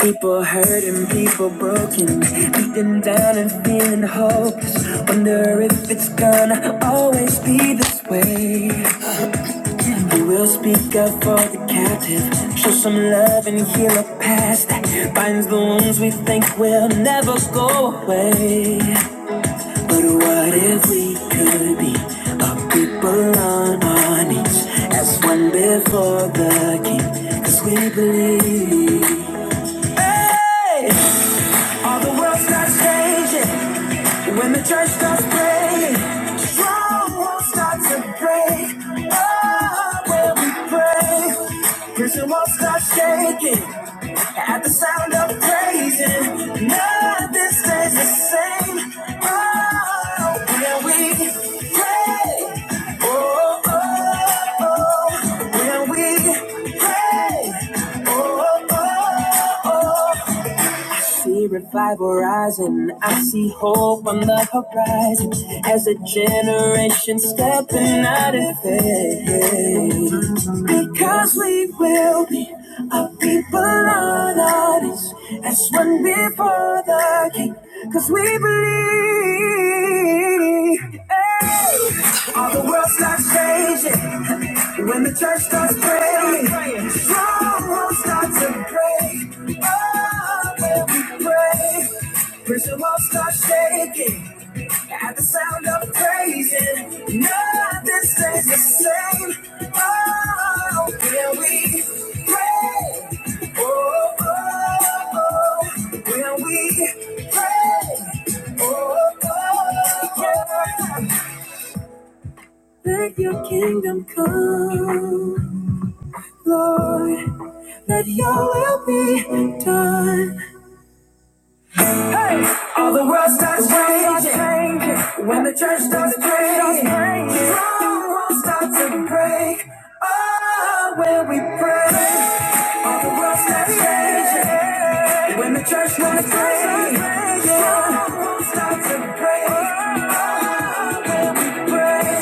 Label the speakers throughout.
Speaker 1: People hurting, people broken, beaten down and feeling hopeless. Wonder if it's gonna always be this way. We will speak up for the captive, show some love and heal a past. that Binds the wounds we think will never go away. But what if we could be a people on our knees, as one before the King? 'Cause we believe. Hey! All the world starts changing when the church starts praying. Strong walls start to break. Oh, when we pray, prison walls start shaking at the sound of praising. Nothing stays the same. Oh, when we pray, oh, oh, oh, when we pray, oh, oh see revival rising. I see hope on the horizon as a generation stepping out of faith. Because we will be a people on artists as one before the king. Because we believe. Hey! All the world starts changing when the church starts praying. Strongholds start to break. Oh. When we Pray, Prison walls start shaking. At the sound of praising, nothing stays the same. Oh, when we pray, oh, oh, oh, when we pray, oh, oh, oh. Let your kingdom come, Lord. Let your will be done. Hey, all the world starts changing when the church starts praying. The world starts to break. Oh, when we pray, all the world starts changing when the church starts praying. The world starts to break. Oh, when we pray,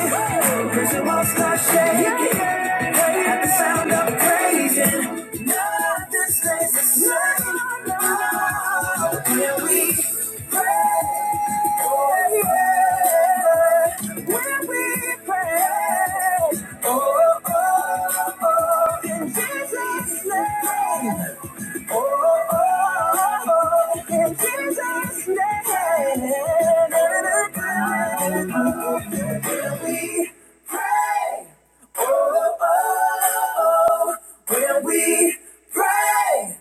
Speaker 1: cause the walls start shaking at the sound of praising. Nothing stays the same. Now, we pray? When we pray, oh, oh, oh, in Jesus' name. Oh, oh, oh, oh, in Jesus' name, we pray. Oh, oh, oh, when we pray.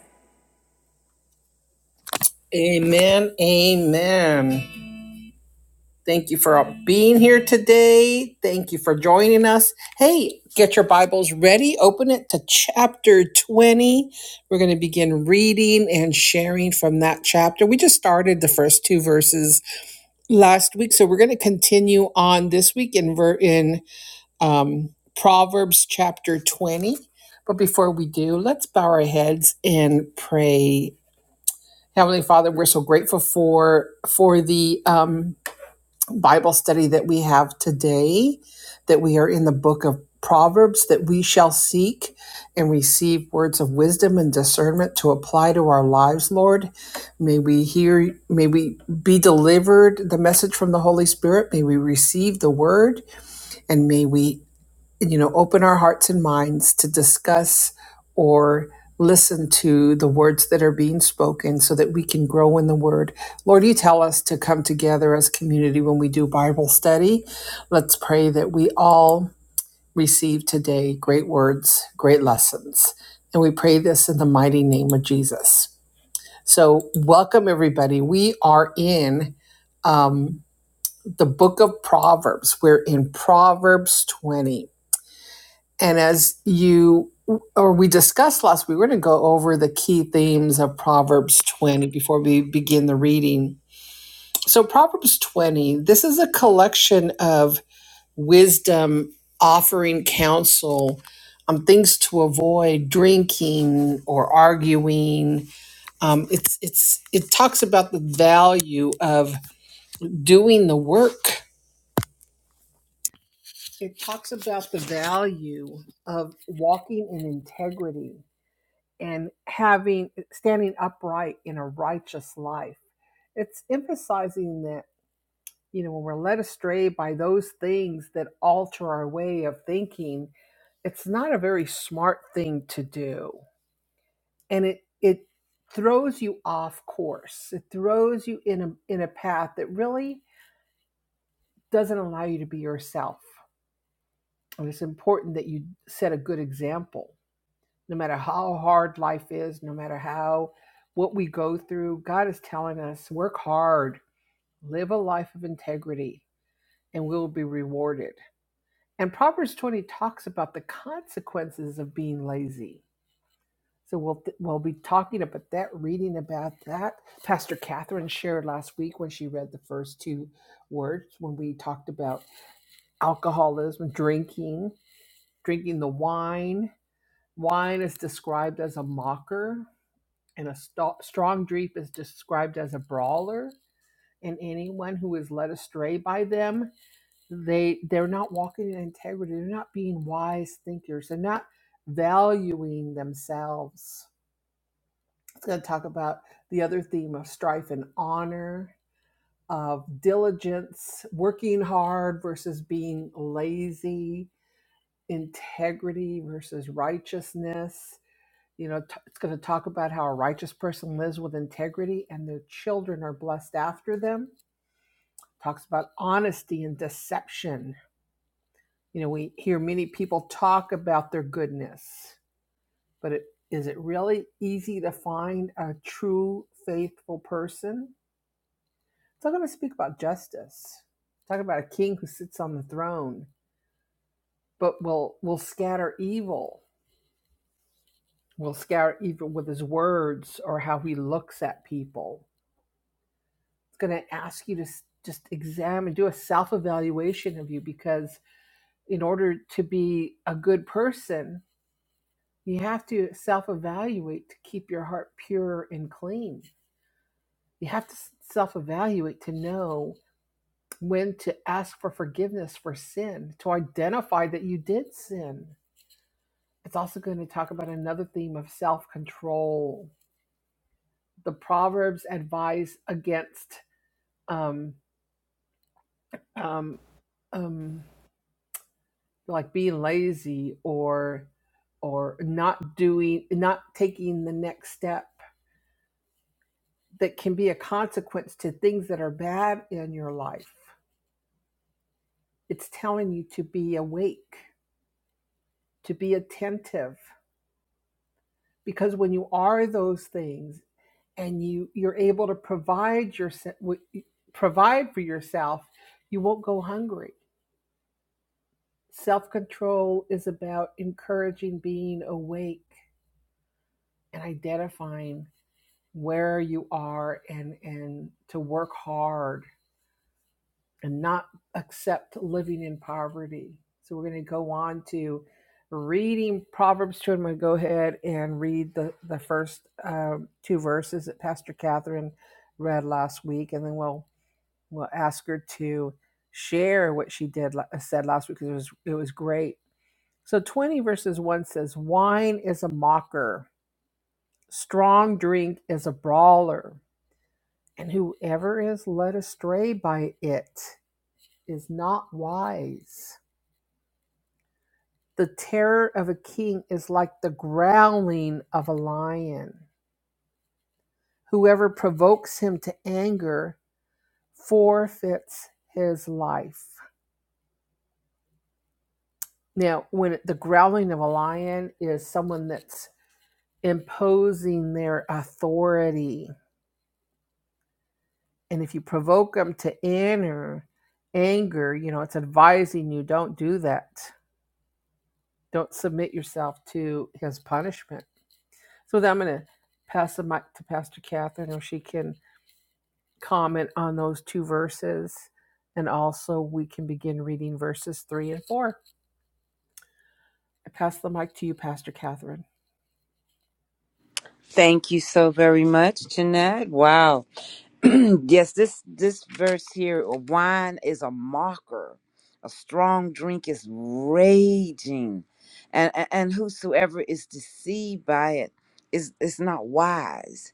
Speaker 2: Thank you so very much, Jeanette. Wow. yes, this this verse here, wine is a mocker. A strong drink is raging. And and and whosoever is deceived by it is is not wise.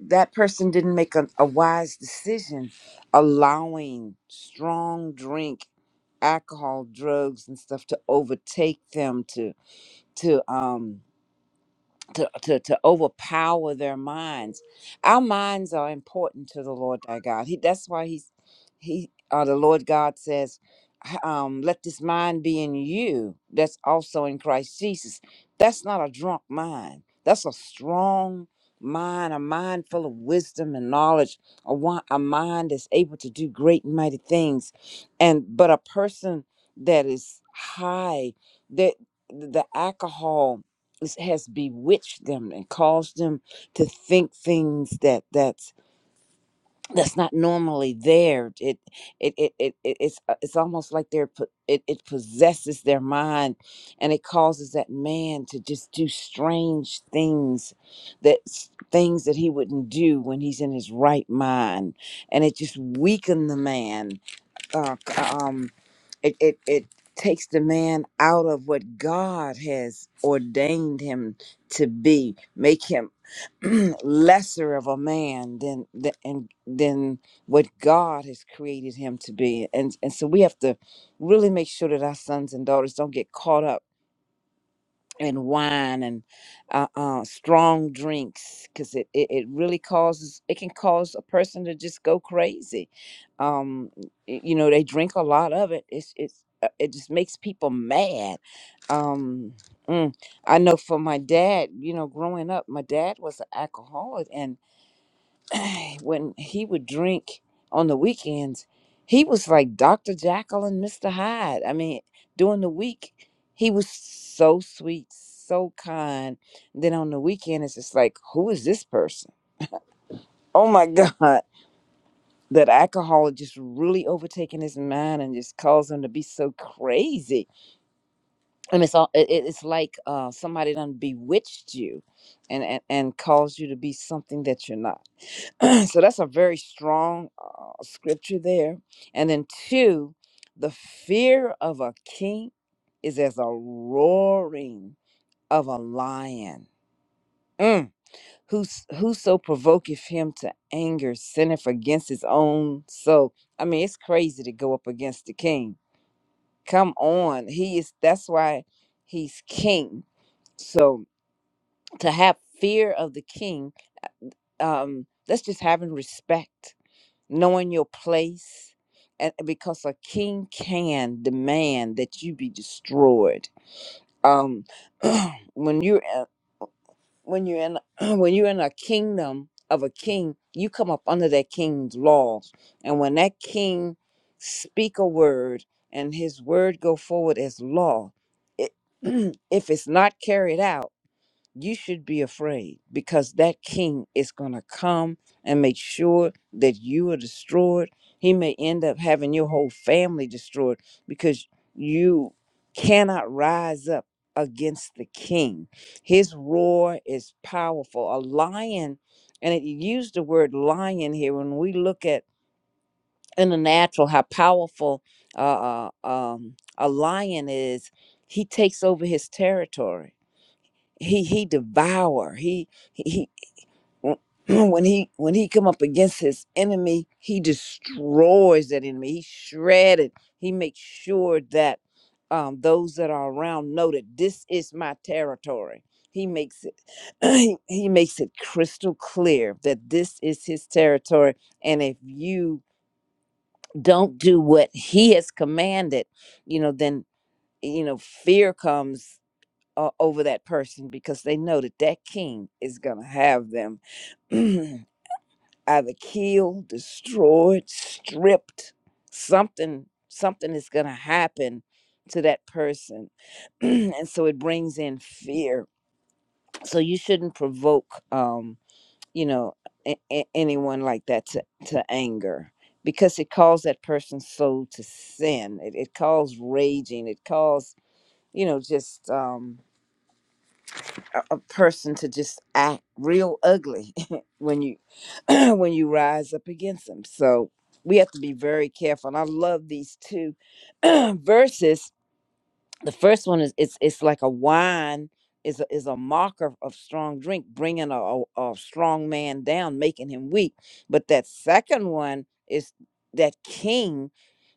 Speaker 2: That person didn't make a, a wise decision allowing strong drink, alcohol, drugs and stuff to overtake them to to um to, to, to overpower their minds. Our minds are important to the Lord thy God. He that's why he's he uh, the Lord God says, h- um, let this mind be in you that's also in Christ Jesus. That's not a drunk mind. That's a strong mind, a mind full of wisdom and knowledge, a, wa- a mind that's able to do great and mighty things. And but a person that is high, that the alcohol is- has bewitched them and caused them to think things that that's that's not normally there it it it, it, it it's uh, it's almost like they're po- it, it possesses their mind and it causes that man to just do strange things that s- things that he wouldn't do when he's in his right mind and it just weakened the man uh, um, it, it, it takes the man out of what God has ordained him to be, make him lesser of a man than, than, and- than what God has created him to be. And, and so we have to really make sure that our sons and daughters don't get caught up and wine and uh, uh, strong drinks because it, it, it really causes it can cause a person to just go crazy um y- you know they drink a lot of it it's it's uh, it just makes people mad um mm, i know for my dad you know growing up my dad was an alcoholic when he would drink on the weekends, he was like Dr. Jackal and Mr. Hyde. I mean, during the week, he was so sweet, so kind. Then on the weekend, it's just like, who is this person? Oh my God. That alcohol had just really overtaken his mind and just caused him to be so crazy. And it's all it, it- it's like uh, somebody done bewitched you and, and, and caused you to be something that you're not. so that's a very strong uh, scripture there. And then two, the fear of a king is as a roaring of a lion. Mm. Who's, whoso provoketh him to anger sinneth against his own soul. I mean, it's crazy to go up against the king. Come on. He is that's why he's king. So to have fear of the king, um, that's just having respect knowing your place and because a king can demand that you be destroyed um when you're a- when you're in when you're in a kingdom of a king you come up under that king's laws and when that king speak a word and his word go forward as law it, if it's not carried out you should be afraid because that king is going to come and make sure that you are destroyed. He may end up having your whole family destroyed because you cannot rise up against the king. His roar is powerful. A lion, and it used the word lion here when we look at in the natural how powerful uh, uh, um, a lion is, he takes over his territory he he devour he he, he when he when he come up against his enemy he destroys that enemy he shredded he makes sure that um, those that are around know that this is my territory he makes it he, he makes it crystal clear that this is his territory and if you don't do what he has commanded you know then you know fear comes uh, over that person because they know that that king is going to have them either killed, destroyed, stripped. Something something is going to happen to that person. and so it brings in fear. So you shouldn't provoke um, you know, a- a- anyone like that to, to anger because it calls that person's soul to sin. It, it calls raging. It calls, you know, just um, a a person to just act real ugly when you when you rise up against them. So we have to be very careful. And I love these two verses the first one is it's it's like a wine is a, is a marker of strong drink bringing a, a, a strong man down making him weak but that second one is that king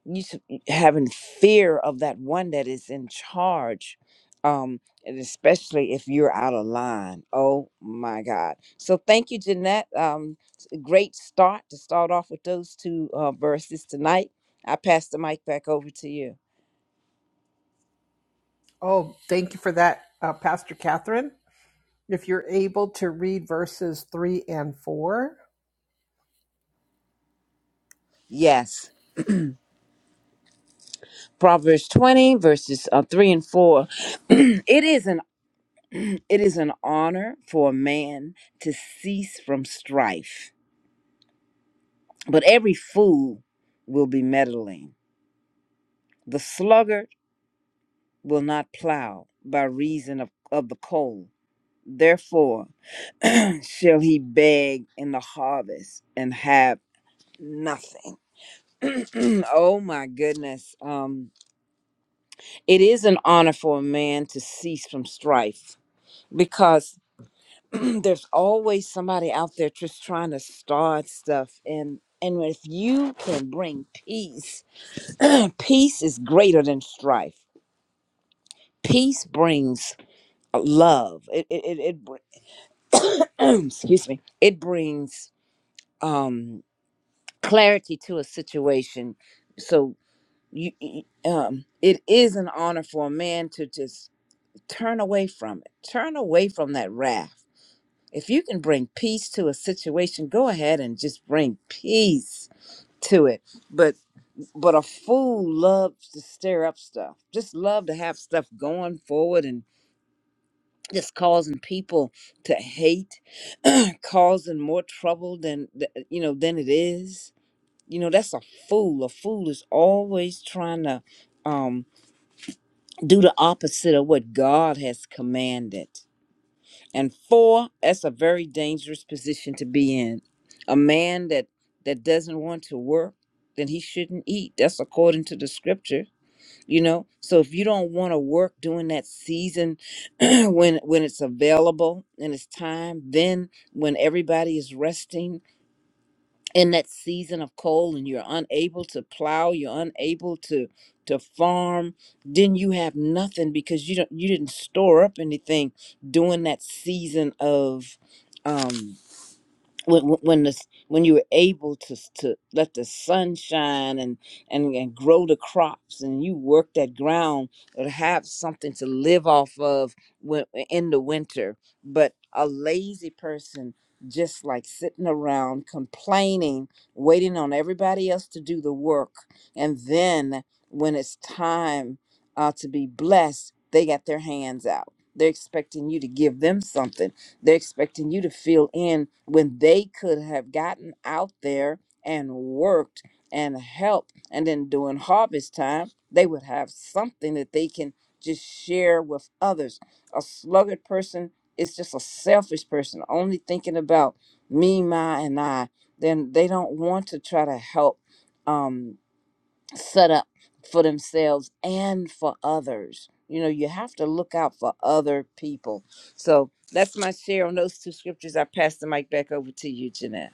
Speaker 2: you should be having fear of that one that is in charge um and especially if you're out of line oh my god so thank you jeanette um s- great start to start off with those two uh verses tonight i pass the mic back over to you Yes. Proverbs 20 verses uh, 3 and 4 it is an it is an honor for a man to cease from strife but every fool will be meddling the sluggard will not plow by reason of, of the cold therefore shall he beg in the harvest and have nothing oh my goodness um it is an honor for a man to cease from strife because there's always somebody out there just trying to start stuff and and if you can bring peace peace is greater than strife peace brings uh, love it it, it, it br- excuse me it brings um clarity to a situation so you you- um it is an honor for a man to just turn away from it turn away from that wrath If you can bring peace to a situation, go ahead and just bring peace to it. But but a fool loves to stir up stuff. Just love to have stuff going forward and just causing people to hate, causing more trouble than th- you know than it is. You know that's a fool. A fool is always trying to um, do the opposite of what God has commanded. And four, that's a very dangerous position to be in. A man that that doesn't want to work, then he shouldn't eat. That's according to the scripture, you know. So if you don't want to work during that season when when it's available and it's time, then when everybody is resting, in that season of cold and you're unable to plow you're unable to to farm then you have nothing because you don't you didn't store up anything during that season of um when when when the, s- when you were able to s- to let the sun shine and, and and grow the crops and you work that ground or have something to live off of when, in the winter but a lazy person just like sitting around complaining waiting on everybody else to do the work and then when it's time uh, to be blessed they got their hands out they're expecting you to give them something they're expecting you to fill in when they could have gotten out there and worked and helped. And then during harvest time, they would have something that they can just share with others. A sluggard person is just a selfish person, only thinking about me, my, and I. Then they don't want to try to help. Um, set up for themselves and for others. You know, you have to look out for other people. So that's my share on those two scriptures. I pass the mic back over to you, Jeanette.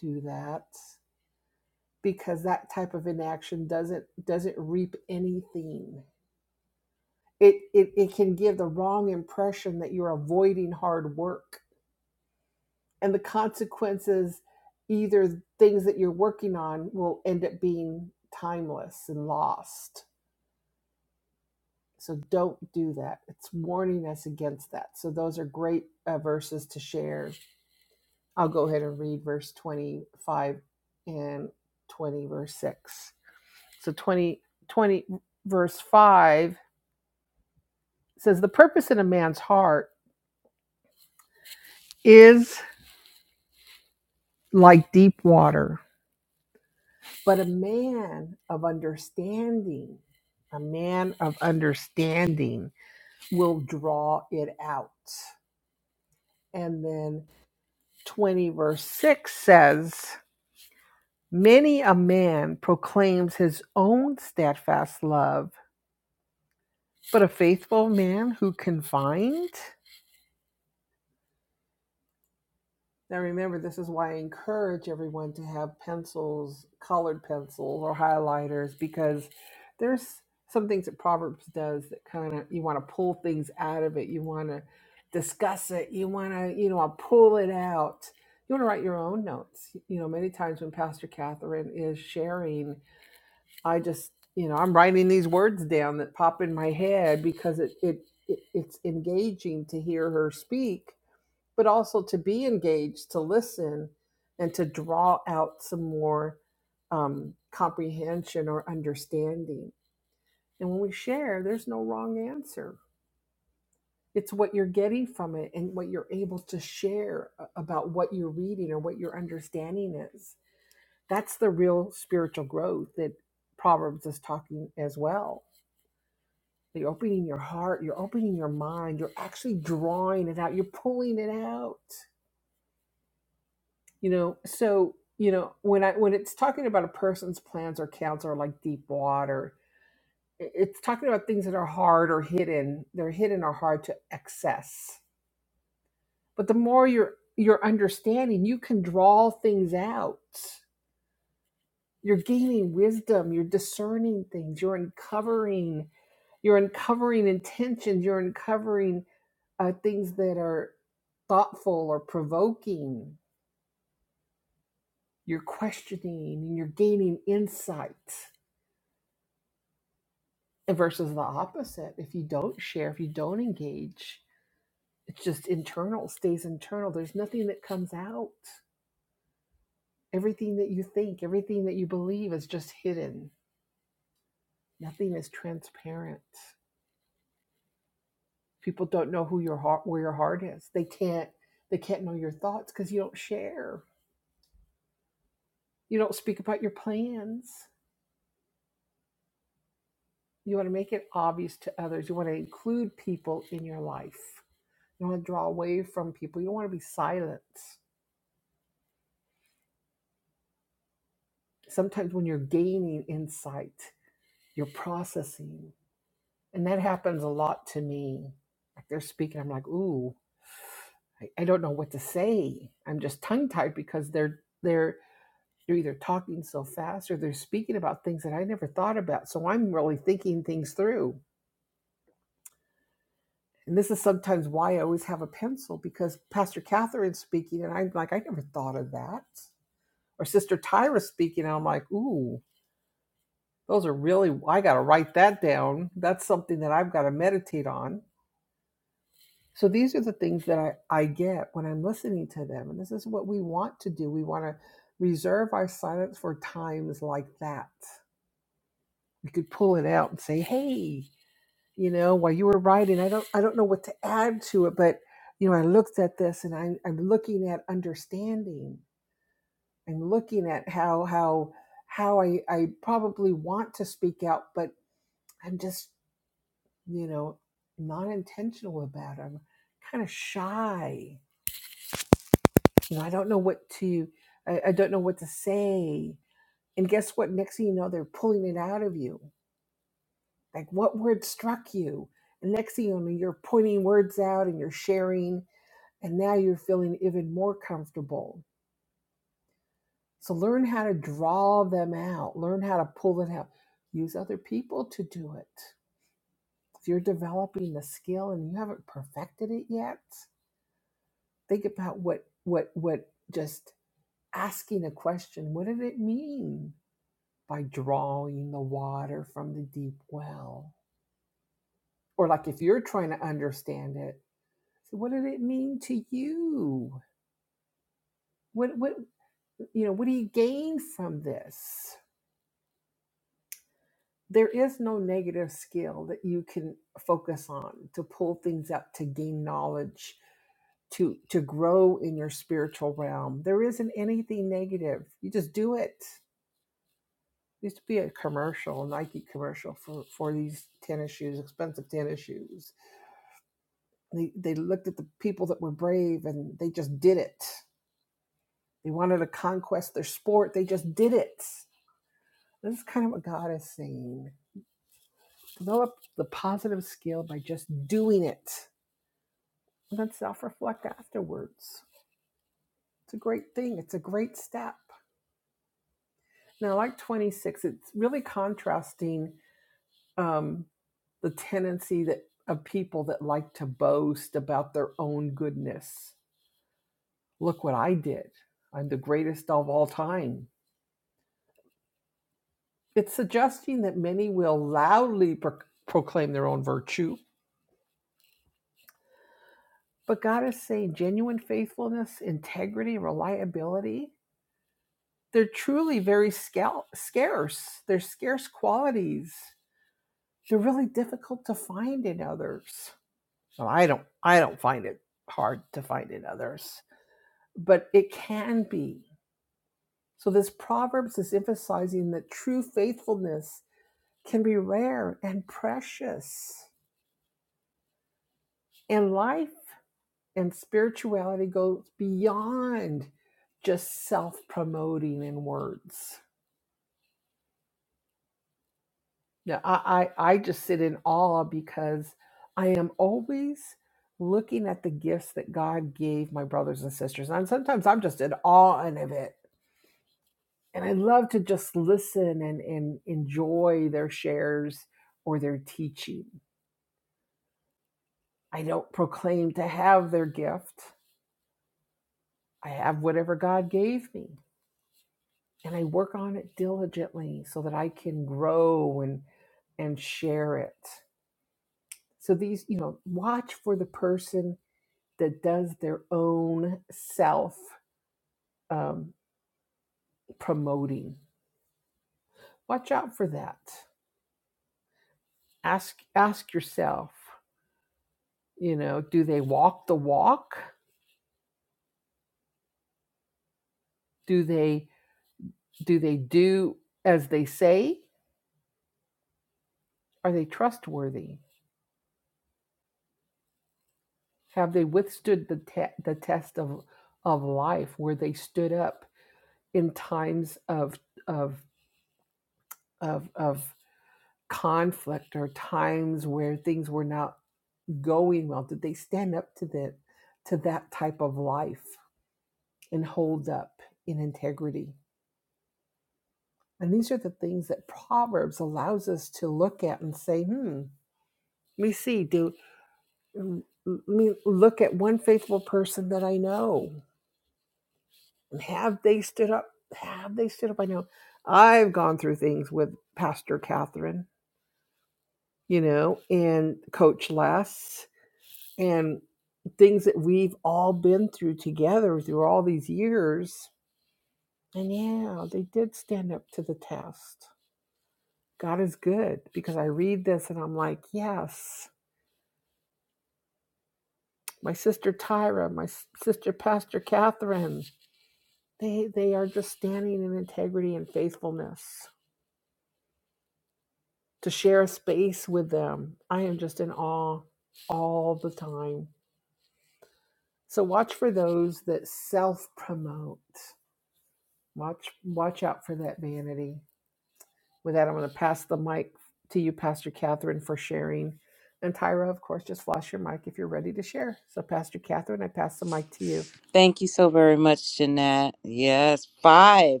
Speaker 2: Thank you so very much, Jeanette. Yes, five.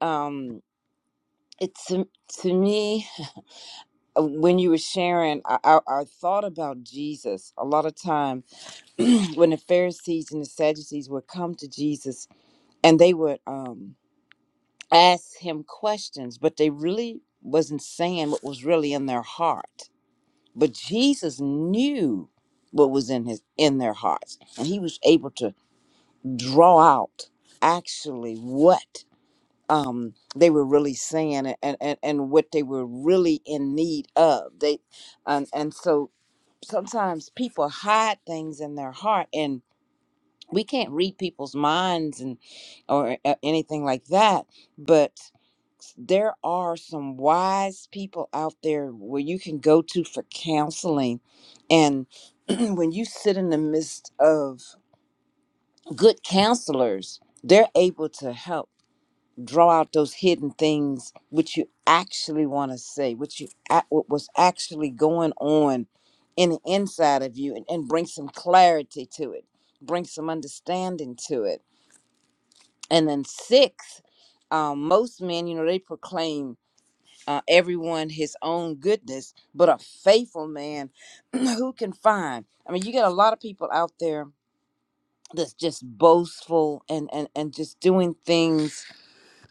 Speaker 2: Um, it's to, to me uh, when you were sharing, I, I, I thought about Jesus a lot of time when the Pharisees and the Sadducees would come to Jesus and they would um asked him questions, but they really wasn't saying what was really in their heart. But Jesus knew what was in his in their hearts, and he was able to draw out actually what um, they were really saying and, and and what they were really in need of. They and and so sometimes people hide things in their heart, and we can't read people's minds and or a- anything like that but there are some wise people out there where you can go to for counseling and when you sit in the midst of good counselors they're able to help draw out those hidden things which you actually want to say what you ac- what was actually going on in the inside of you and, and bring some clarity to it bring some understanding to it and then sixth, um, most men, you know, they proclaim uh, everyone his own goodness, but a faithful man who can find. I mean, you get a lot of people out there that's just boastful and and and just doing things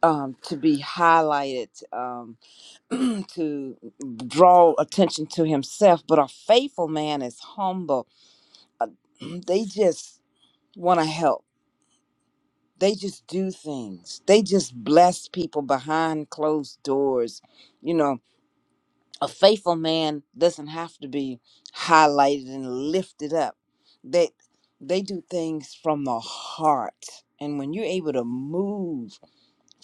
Speaker 2: um, to be highlighted, um, to draw attention to himself. But a faithful man is humble. Uh, They just want to help. they just do things. They just bless people behind closed doors. You know, a faithful man doesn't have to be highlighted and lifted up. They they do things from the heart. And when you're able to move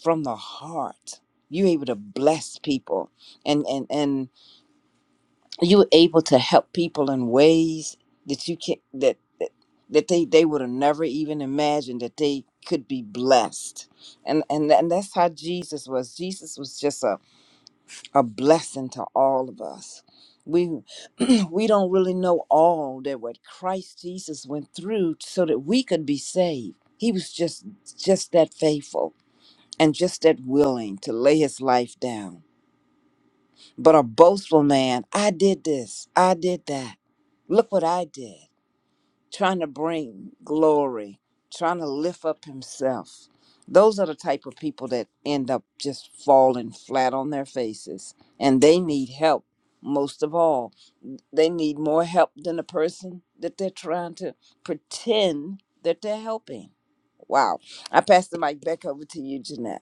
Speaker 2: from the heart, you're able to bless people. And and and you were able to help people in ways that you can that that, that they they would have never even imagined that they could be blessed and and and that's how jesus was jesus was just a, a blessing to all of us we we don't really know all that what christ jesus went through so that we could be saved he was just just that faithful and just that willing to lay his life down but a boastful man, I did this, I did that. Look what I did. Trying to bring glory, trying to lift up himself. Those are the type of people that end up just falling flat on their faces. And they need help most of all. They need more help than the person that they're trying to pretend that they're helping. Wow. I pass the mic back over to you, Jeanette.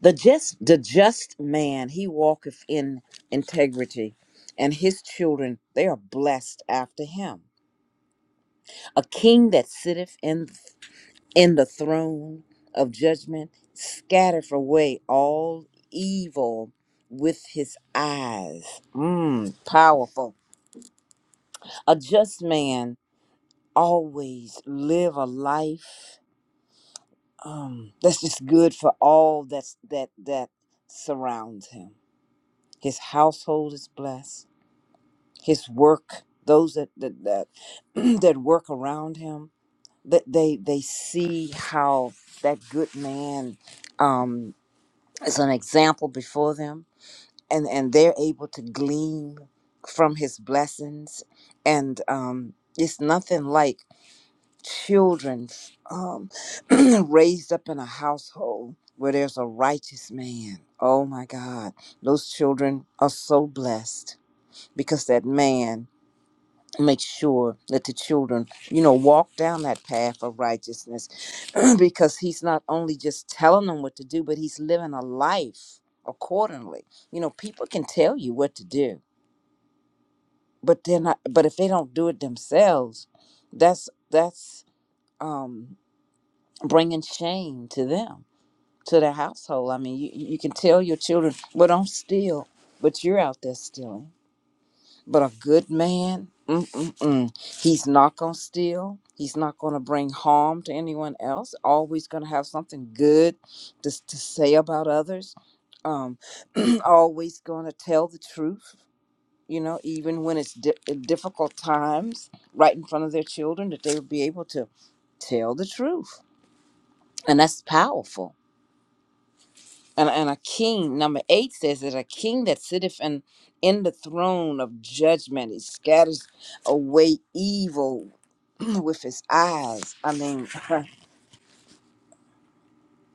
Speaker 2: The just the just man, he walketh in integrity, and his children they are blessed after him. A king that sitteth in in the throne of judgment scattereth away all evil with his eyes. Mm, powerful. A just man always live a life um, that's just good for all that's that that surrounds him. His household is blessed his work those that that that, that work around him that they they see how that good man um is an example before them and and they're able to glean from his blessings and um it's nothing like children um raised up in a household where there's a righteous man oh my god those children are so blessed because that man make sure that the children, you know, walk down that path of righteousness because he's not only just telling them what to do, but he's living a life accordingly. You know, people can tell you what to do, but they're not, but if they don't do it themselves, that's, that's, um, bringing shame to them, to their household. I mean, you, you can tell your children, well, don't steal, but you're out there stealing But a good man, mm-mm-mm. he's not going to steal. He's not going to bring harm to anyone else. Always going to have something good to, to say about others. Um, always going to tell the truth, you know, even when it's di- uh, difficult times right in front of their children, that they would be able to tell the truth. And that's powerful and, and a king number eight says that a king that sitteth in, in the throne of judgment he scatters away evil with his eyes i mean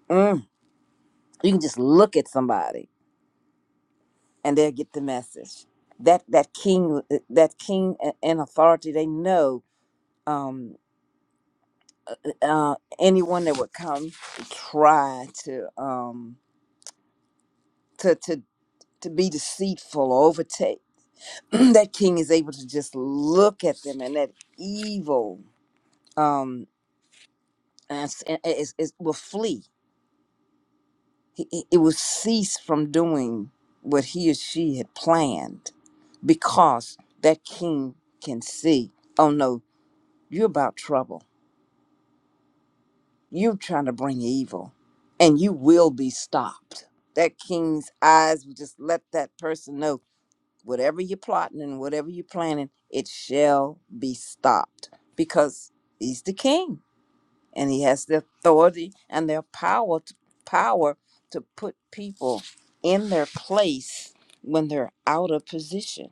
Speaker 2: mm, you can just look at somebody and they'll get the message that that king that king a- and authority they know um uh anyone that would come try to um to to to be deceitful or overtake that king is able to just look at them and that evil um and it's- and it's- it will flee He- he- it will cease from doing what he or she had planned because that king can see oh no you're about trouble you're trying to bring evil and you will be stopped that king's eyes will just let that person know whatever you're plotting and whatever you're planning, it shall be stopped because he's the king and he has the authority and the power to, power to put people in their place when they're out of position.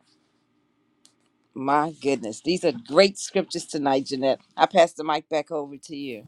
Speaker 2: My goodness, these are great scriptures tonight, Jeanette. I pass the mic back over to you.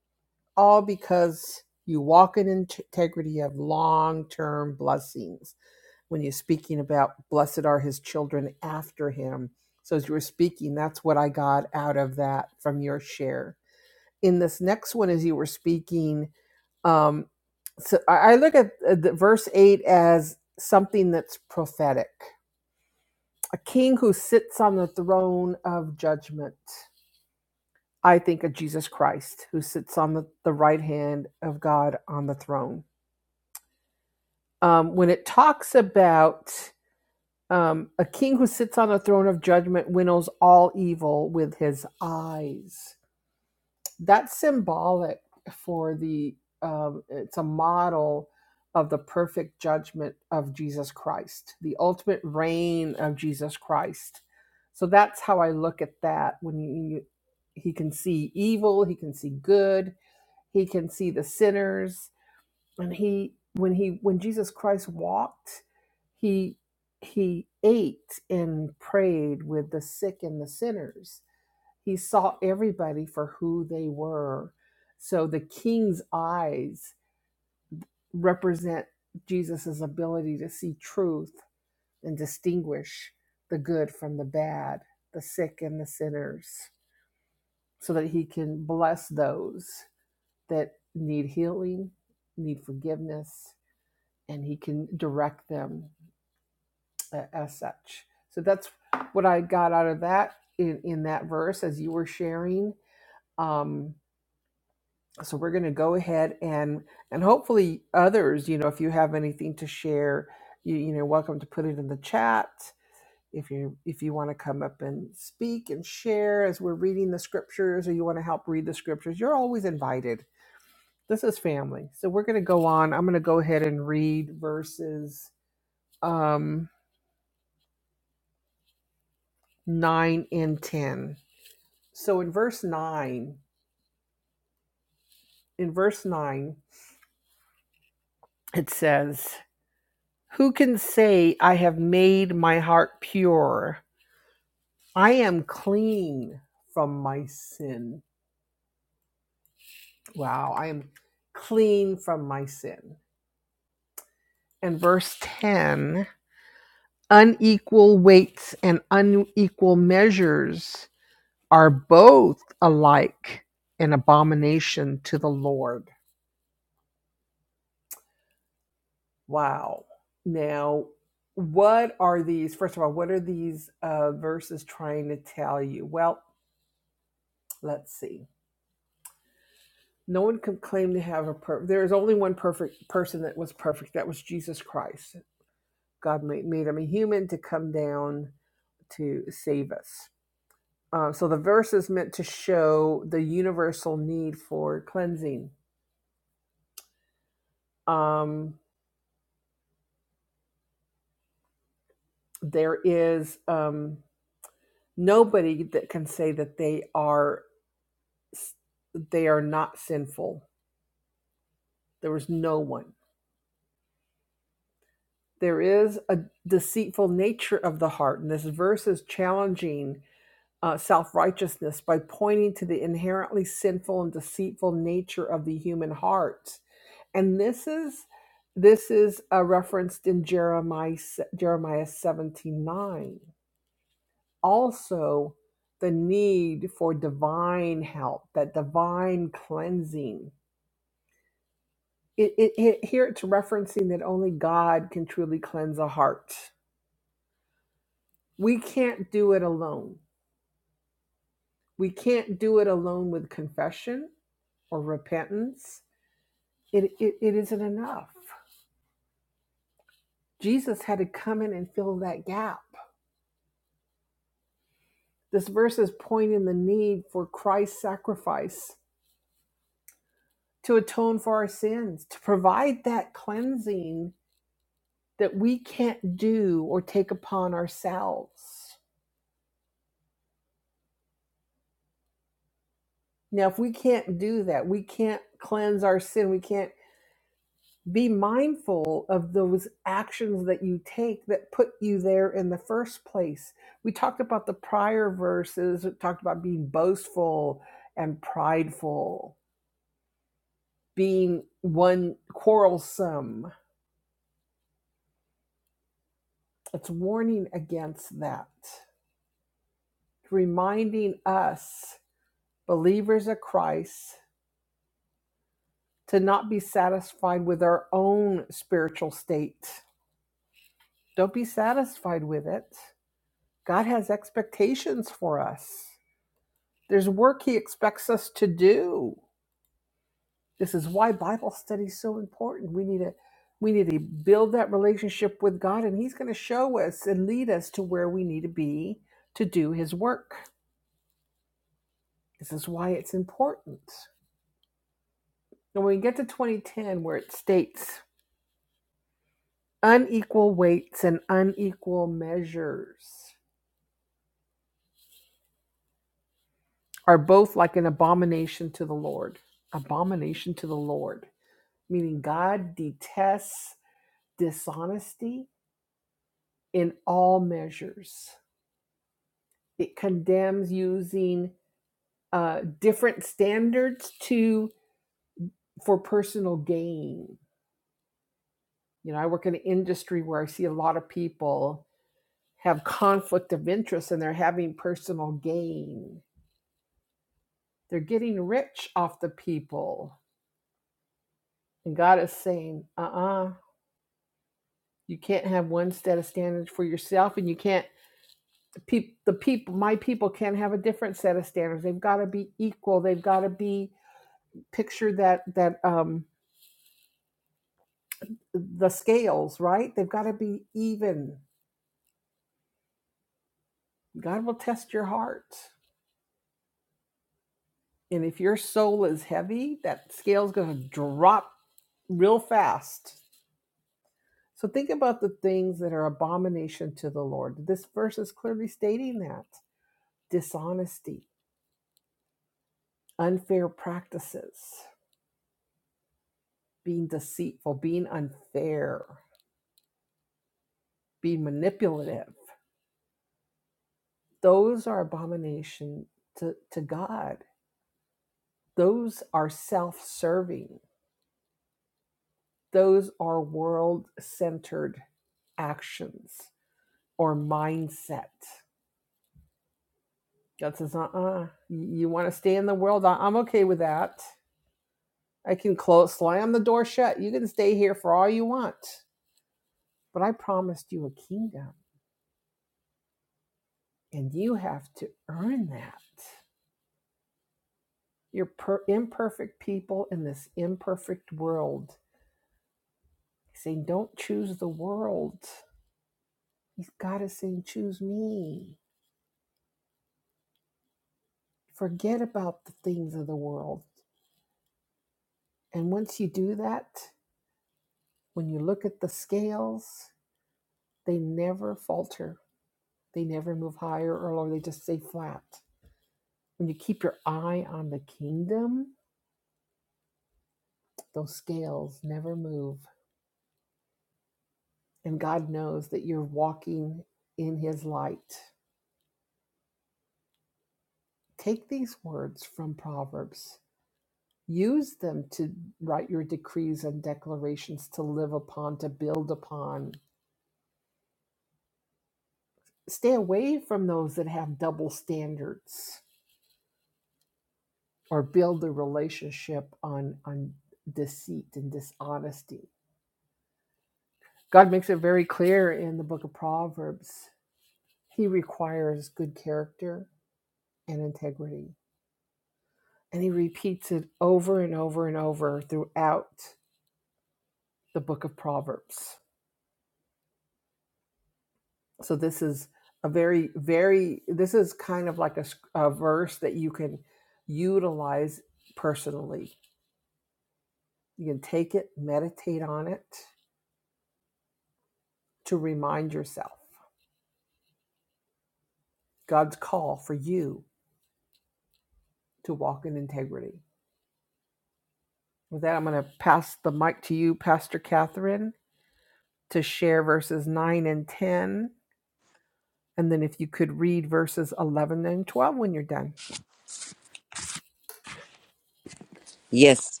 Speaker 2: Yes.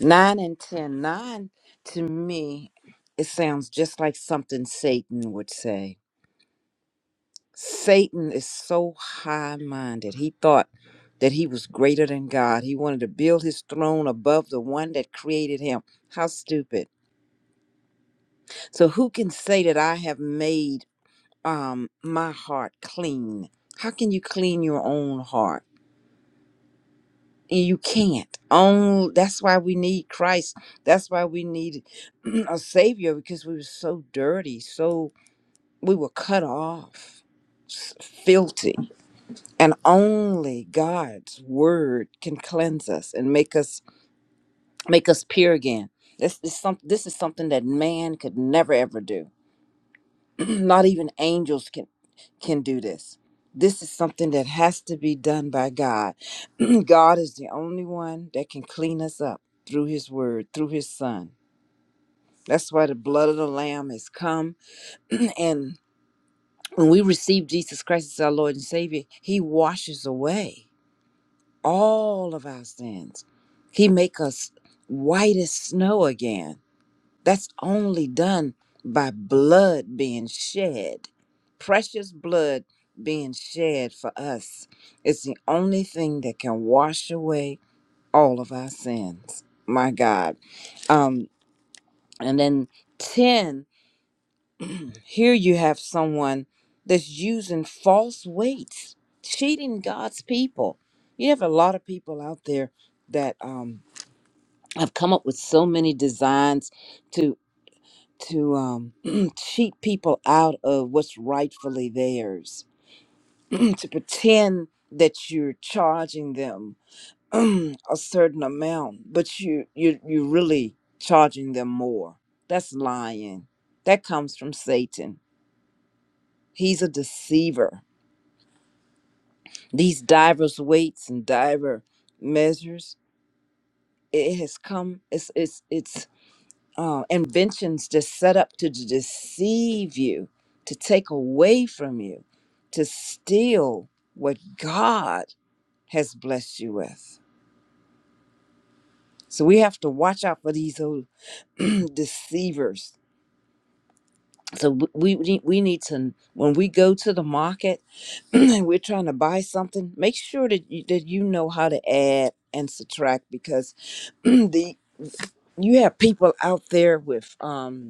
Speaker 2: Nine and ten. Nine to me, it sounds just like something Satan would say Satan is so high minded. He thought that he was greater than God. He wanted to build his throne above the one that created him. How stupid. So, who can say that I have made um, my heart clean? How can you clean your own heart? You can't. Oh, that's why we need Christ. That's why we need a Savior because we were so dirty, so we were cut off, s- filthy. and only God's word can cleanse us and make us make us pure again. This is some this is something that man could never ever do. Not even angels can can do this. This is something that has to be done by God. God is the only one that can clean us up through his word, through his son. That's why the blood of the lamb has come and when we receive Jesus Christ as our Lord and Savior, he washes away. all of our sins. He make us white as snow again. That's only done by blood being shed. Precious blood being shed for us. It's the only thing that can wash away all of our sins. My God. Um, and then 10, here you have someone that's using false weights, cheating God's people. You have a lot of people out there that um I've come up with so many designs to to um, cheat people out of what's rightfully theirs, to pretend that you're charging them a certain amount, but you you you're really charging them more. That's lying. That comes from Satan. He's a deceiver. These divers weights and diver measures, it has come. It's it's it's uh, inventions just set up to d- deceive you, to take away from you, to steal what God has blessed you with. So we have to watch out for these old deceivers. So w- we we need, we need to when we go to the market and we're trying to buy something, make sure that you, that you know how to add and subtract because the you have people out there with um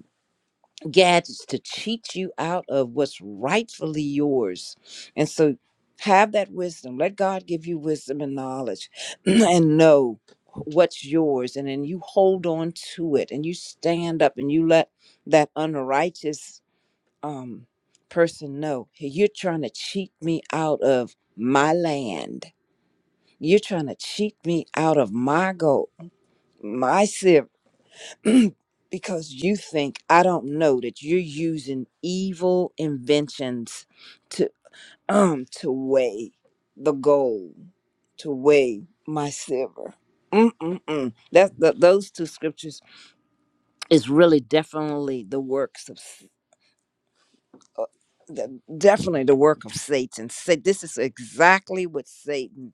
Speaker 2: gadgets to cheat you out of what's rightfully yours. And so have that wisdom. Let God give you wisdom and knowledge and know what's yours. And then you hold on to it and you stand up and you let that unrighteous um, person know "Hey, you're trying to cheat me out of my land. You're trying to cheat me out of my goal, my because you think I don't know that you're using evil inventions to um to weigh the gold, to weigh my silver. Mm-mm-mm. That, that those two scriptures is really definitely the works of s- uh, the- definitely the work of Satan. Say this is exactly what Satan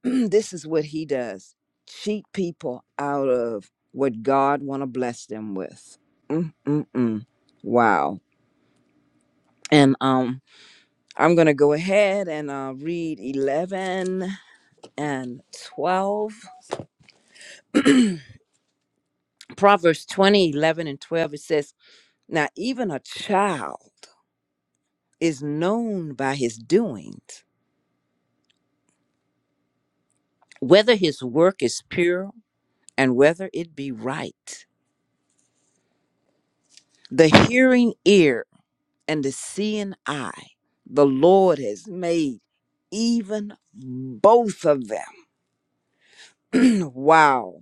Speaker 2: this is what he does cheat people out of what god want to bless them with mm mm mm. wow and um i'm gonna go ahead and uh, read 11 and 12 proverbs 20 11 and 12 it says now even a child is known by his doings whether his work is pure and whether it be right the hearing ear." and the seeing eye the Lord has made, even both of them. wow.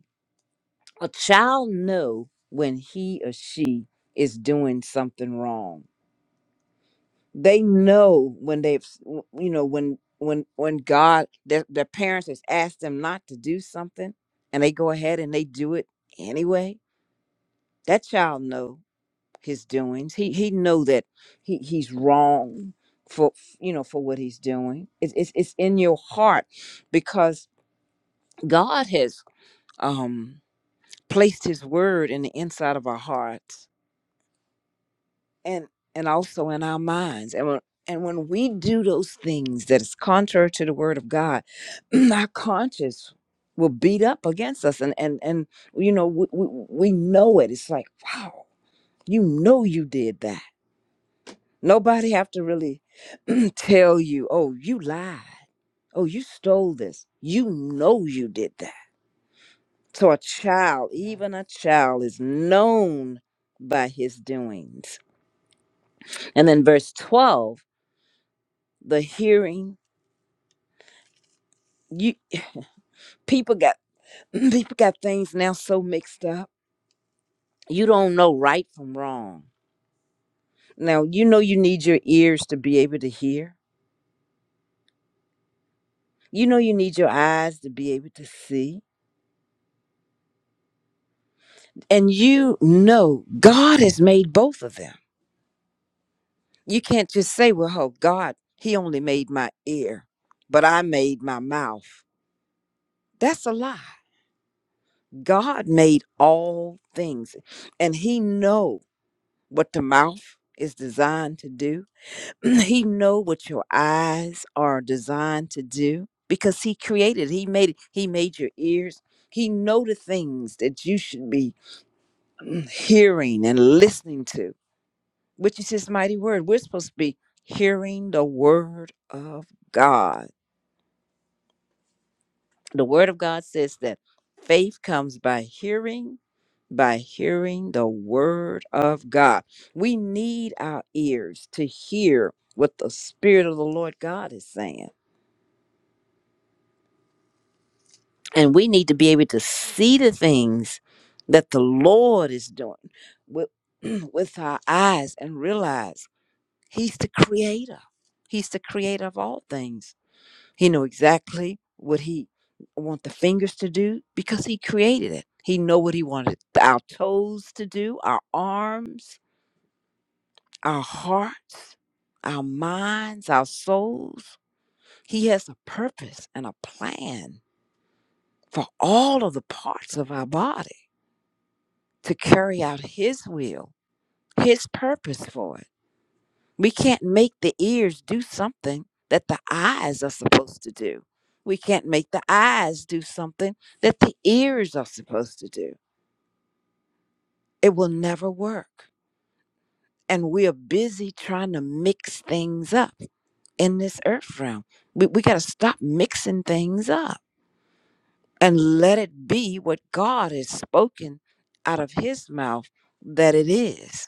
Speaker 2: A child know when he or she is doing something wrong. They know when they've, s- you know, when when when God their, their parents has asked them not to do something, and they go ahead and they do it anyway. That child know. his doings. He he know that he he's wrong for you know for what he's doing. It's it's, it's in your heart because God has um placed His word in the inside of our hearts and and also in our minds. And when and when we do those things that is contrary to the word of God, our conscience will beat up against us and and and you know we, we, we know it it's like wow you know you did that Nobody have to really tell you, oh, you lied. Oh, you stole this. You know you did that. So a child, even a child, is known by his doings. And then verse 12, the hearing, you people got people got things now so mixed up. You don't know right from wrong. Now you know you need your ears to be able to hear. You know you need your eyes to be able to see. And you know God has made both of them. You can't just say, well, oh, God, He only made my ear, but I made my mouth. That's a lie. God made all things, and He know what the mouth is designed to do. he know what your eyes are designed to do because He created. He made. it, He made your ears. He know the things that you should be hearing and listening to which is his mighty word. We're supposed to be hearing the word of God. The word of God says that faith comes by hearing, by hearing the word of God. We need our ears to hear what the Spirit of the Lord God is saying. And we need to be able to see the things that the Lord is doing with, with our eyes and realize He's the creator. He's the creator of all things. He know exactly what he want the fingers to do because he created it. He know what he wanted our toes to do, our arms, our hearts, our minds, our souls. He has a purpose and a plan for all of the parts of our body to carry out his will, his purpose for it. We can't make the ears do something that the eyes are supposed to do. We can't make the eyes do something that the ears are supposed to do. It will never work. And we are busy trying to mix things up in this earth realm. We, we got to stop mixing things up and let it be what God has spoken out of his mouth that it is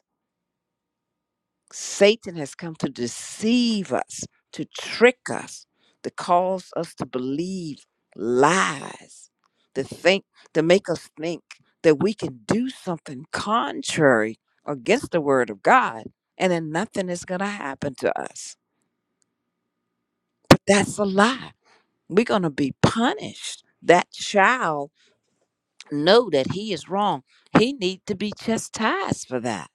Speaker 2: Satan has come to deceive us, to trick us, to cause us to believe lies, to think, to make us think that we can do something contrary against the word of God and then nothing is going to happen to us. But that's a lie. We're going to be punished. That child know that he is wrong. He need to be chastised for that.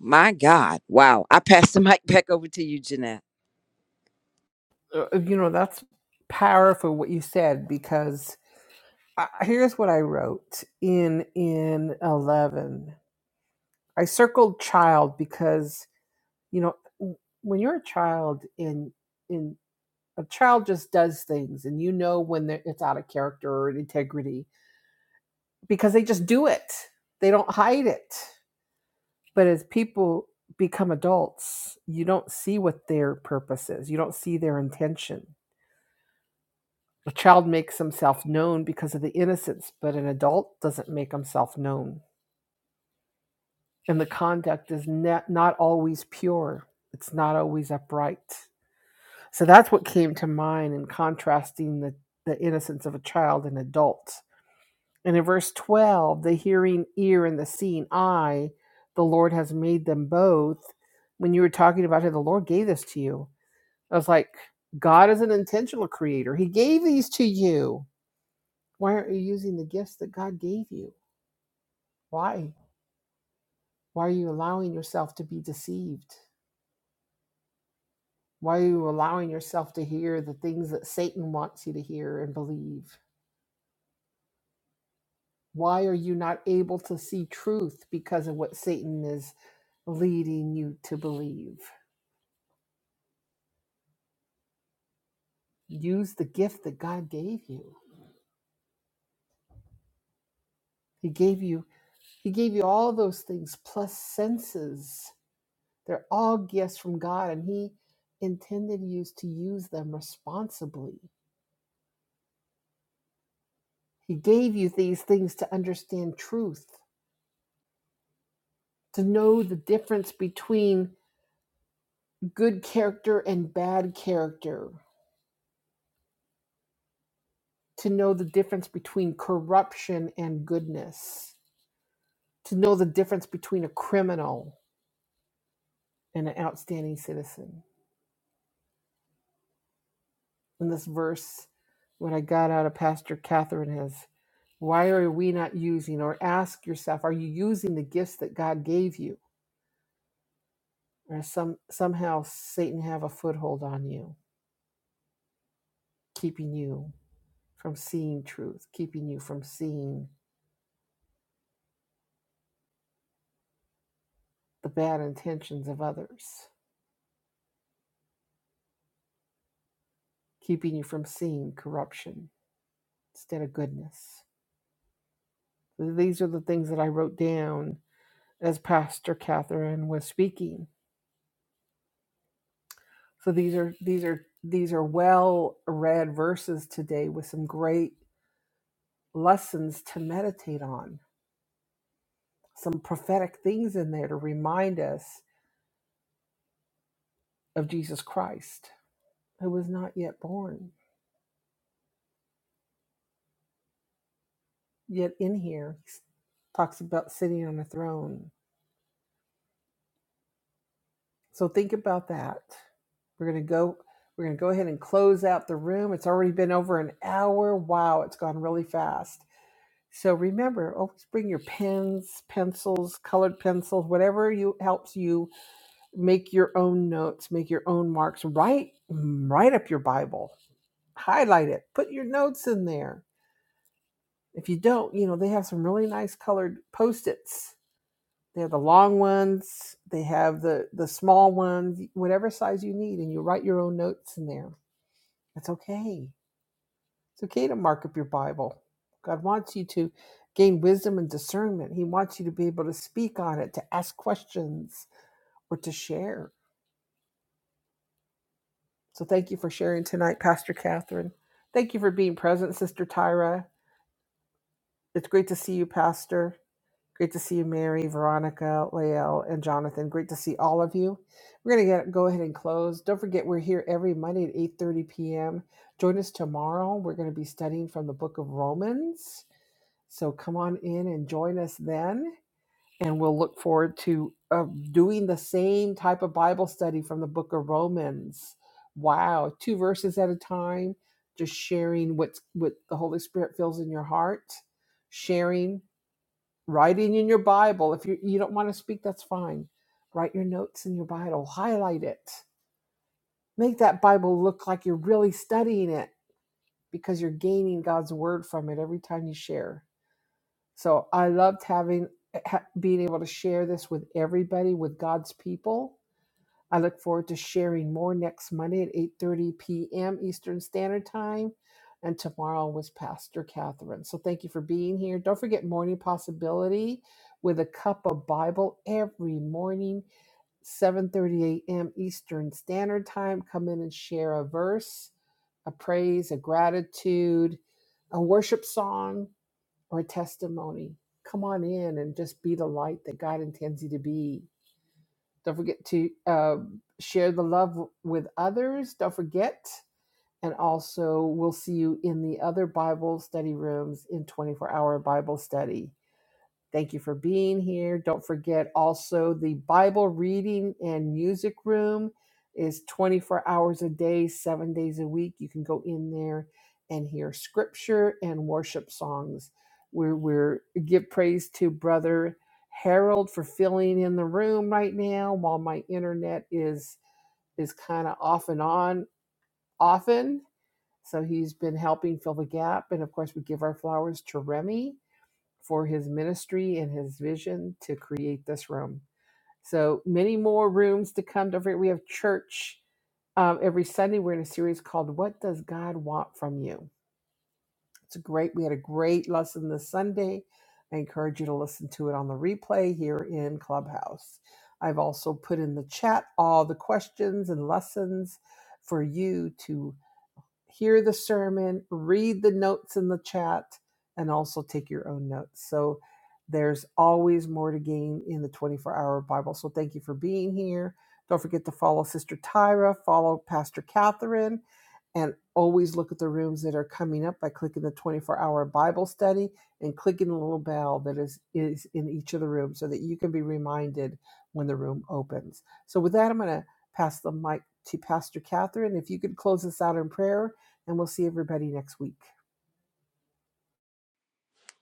Speaker 2: My God. Wow. I pass the mic back over to you, Jeanette.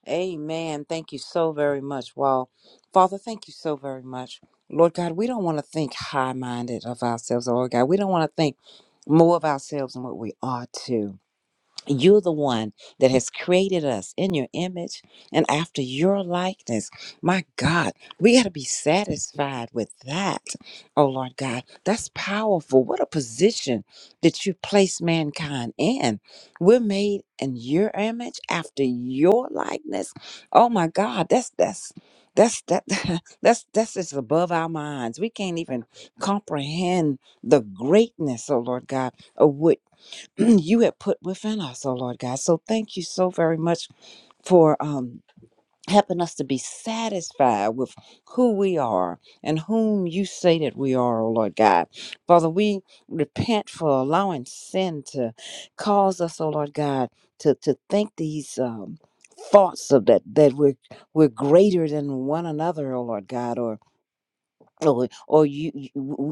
Speaker 2: Amen. Thank you so very much. Wow. Father, thank you so very much. Lord God, we don't want to think high minded of ourselves, Lord God. We don't want to think more of ourselves than what we ought to. You're the one that has created us in your image and after your likeness. My God, we got to be satisfied with that. Oh, Lord God, that's powerful. What a position that you place mankind in. We're made in your image after your likeness. Oh, my God, that's that's. That's that that's that's just above our minds. We can't even comprehend the greatness, oh Lord God, of what you have put within us, oh Lord God. So thank you so very much for um helping us to be satisfied with who we are and whom you say that we are, oh Lord God. Father, we repent for allowing sin to cause us, oh Lord God, to to think these um thoughts of that that we're we're greater than one another oh lord god Or or, or you, you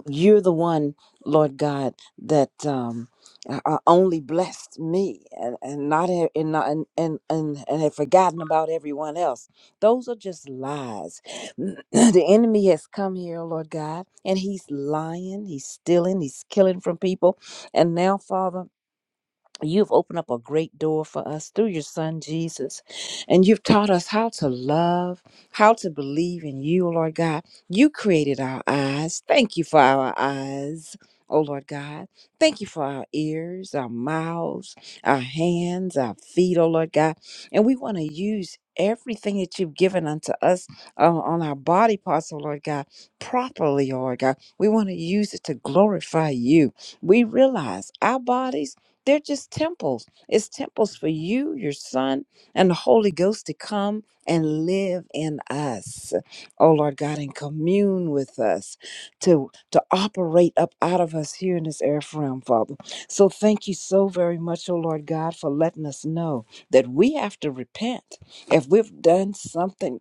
Speaker 2: you're the one lord god that um uh, uh, only blessed me and, and not e- and not and, and and and had forgotten about everyone else those are just lies the enemy has come here lord god and he's lying he's stealing he's killing from people and now father You've opened up a great door for us through your son Jesus, and you've taught us how to love, how to believe in you, Lord God. You created our eyes. Thank you for our eyes, oh Lord God. Thank you for our ears, our mouths, our hands, our feet, oh Lord God. And we want to use everything that you've given unto us uh, on our body parts, oh Lord God, properly, oh Lord God. We want to use it to glorify you. We realize our bodies. They're just temples. It's temples for you, your son, and the Holy Ghost to come and live in us. Oh Lord God, and commune with us to to operate up out of us here in this earth realm, Father. So thank you so very much, oh Lord God, for letting us know that we have to repent. If we've done something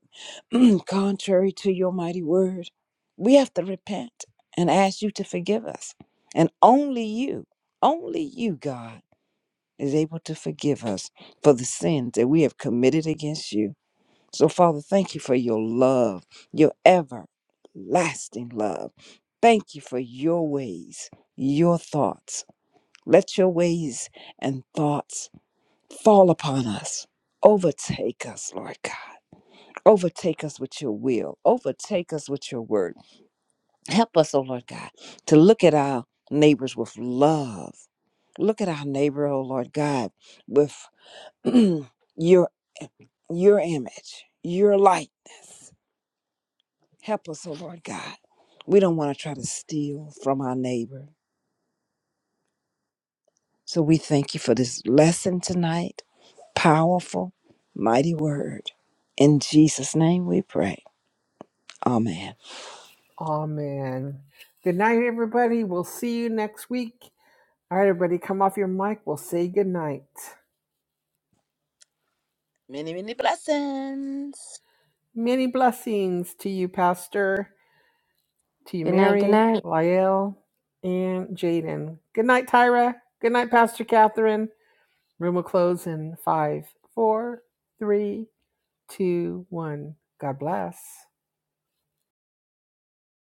Speaker 2: contrary to your mighty word, we have to repent and ask you to forgive us. And only you, only you, God is able to forgive us for the sins that we have committed against you. So, Father, thank you for your love, your everlasting love. Thank you for your ways, your thoughts. Let your ways and thoughts fall upon us. Overtake us, Lord God. Overtake us with your will. Overtake us with your word. Help us, oh Lord God, to look at our neighbors with love. Look at our neighbor, oh Lord God, with your your image, your likeness. Help us, oh Lord God. We don't want to try to steal from our neighbor. So we thank you for this lesson tonight. Powerful, mighty word. In Jesus' name we pray. Amen. Many, many blessings.
Speaker 3: Good night. Good night.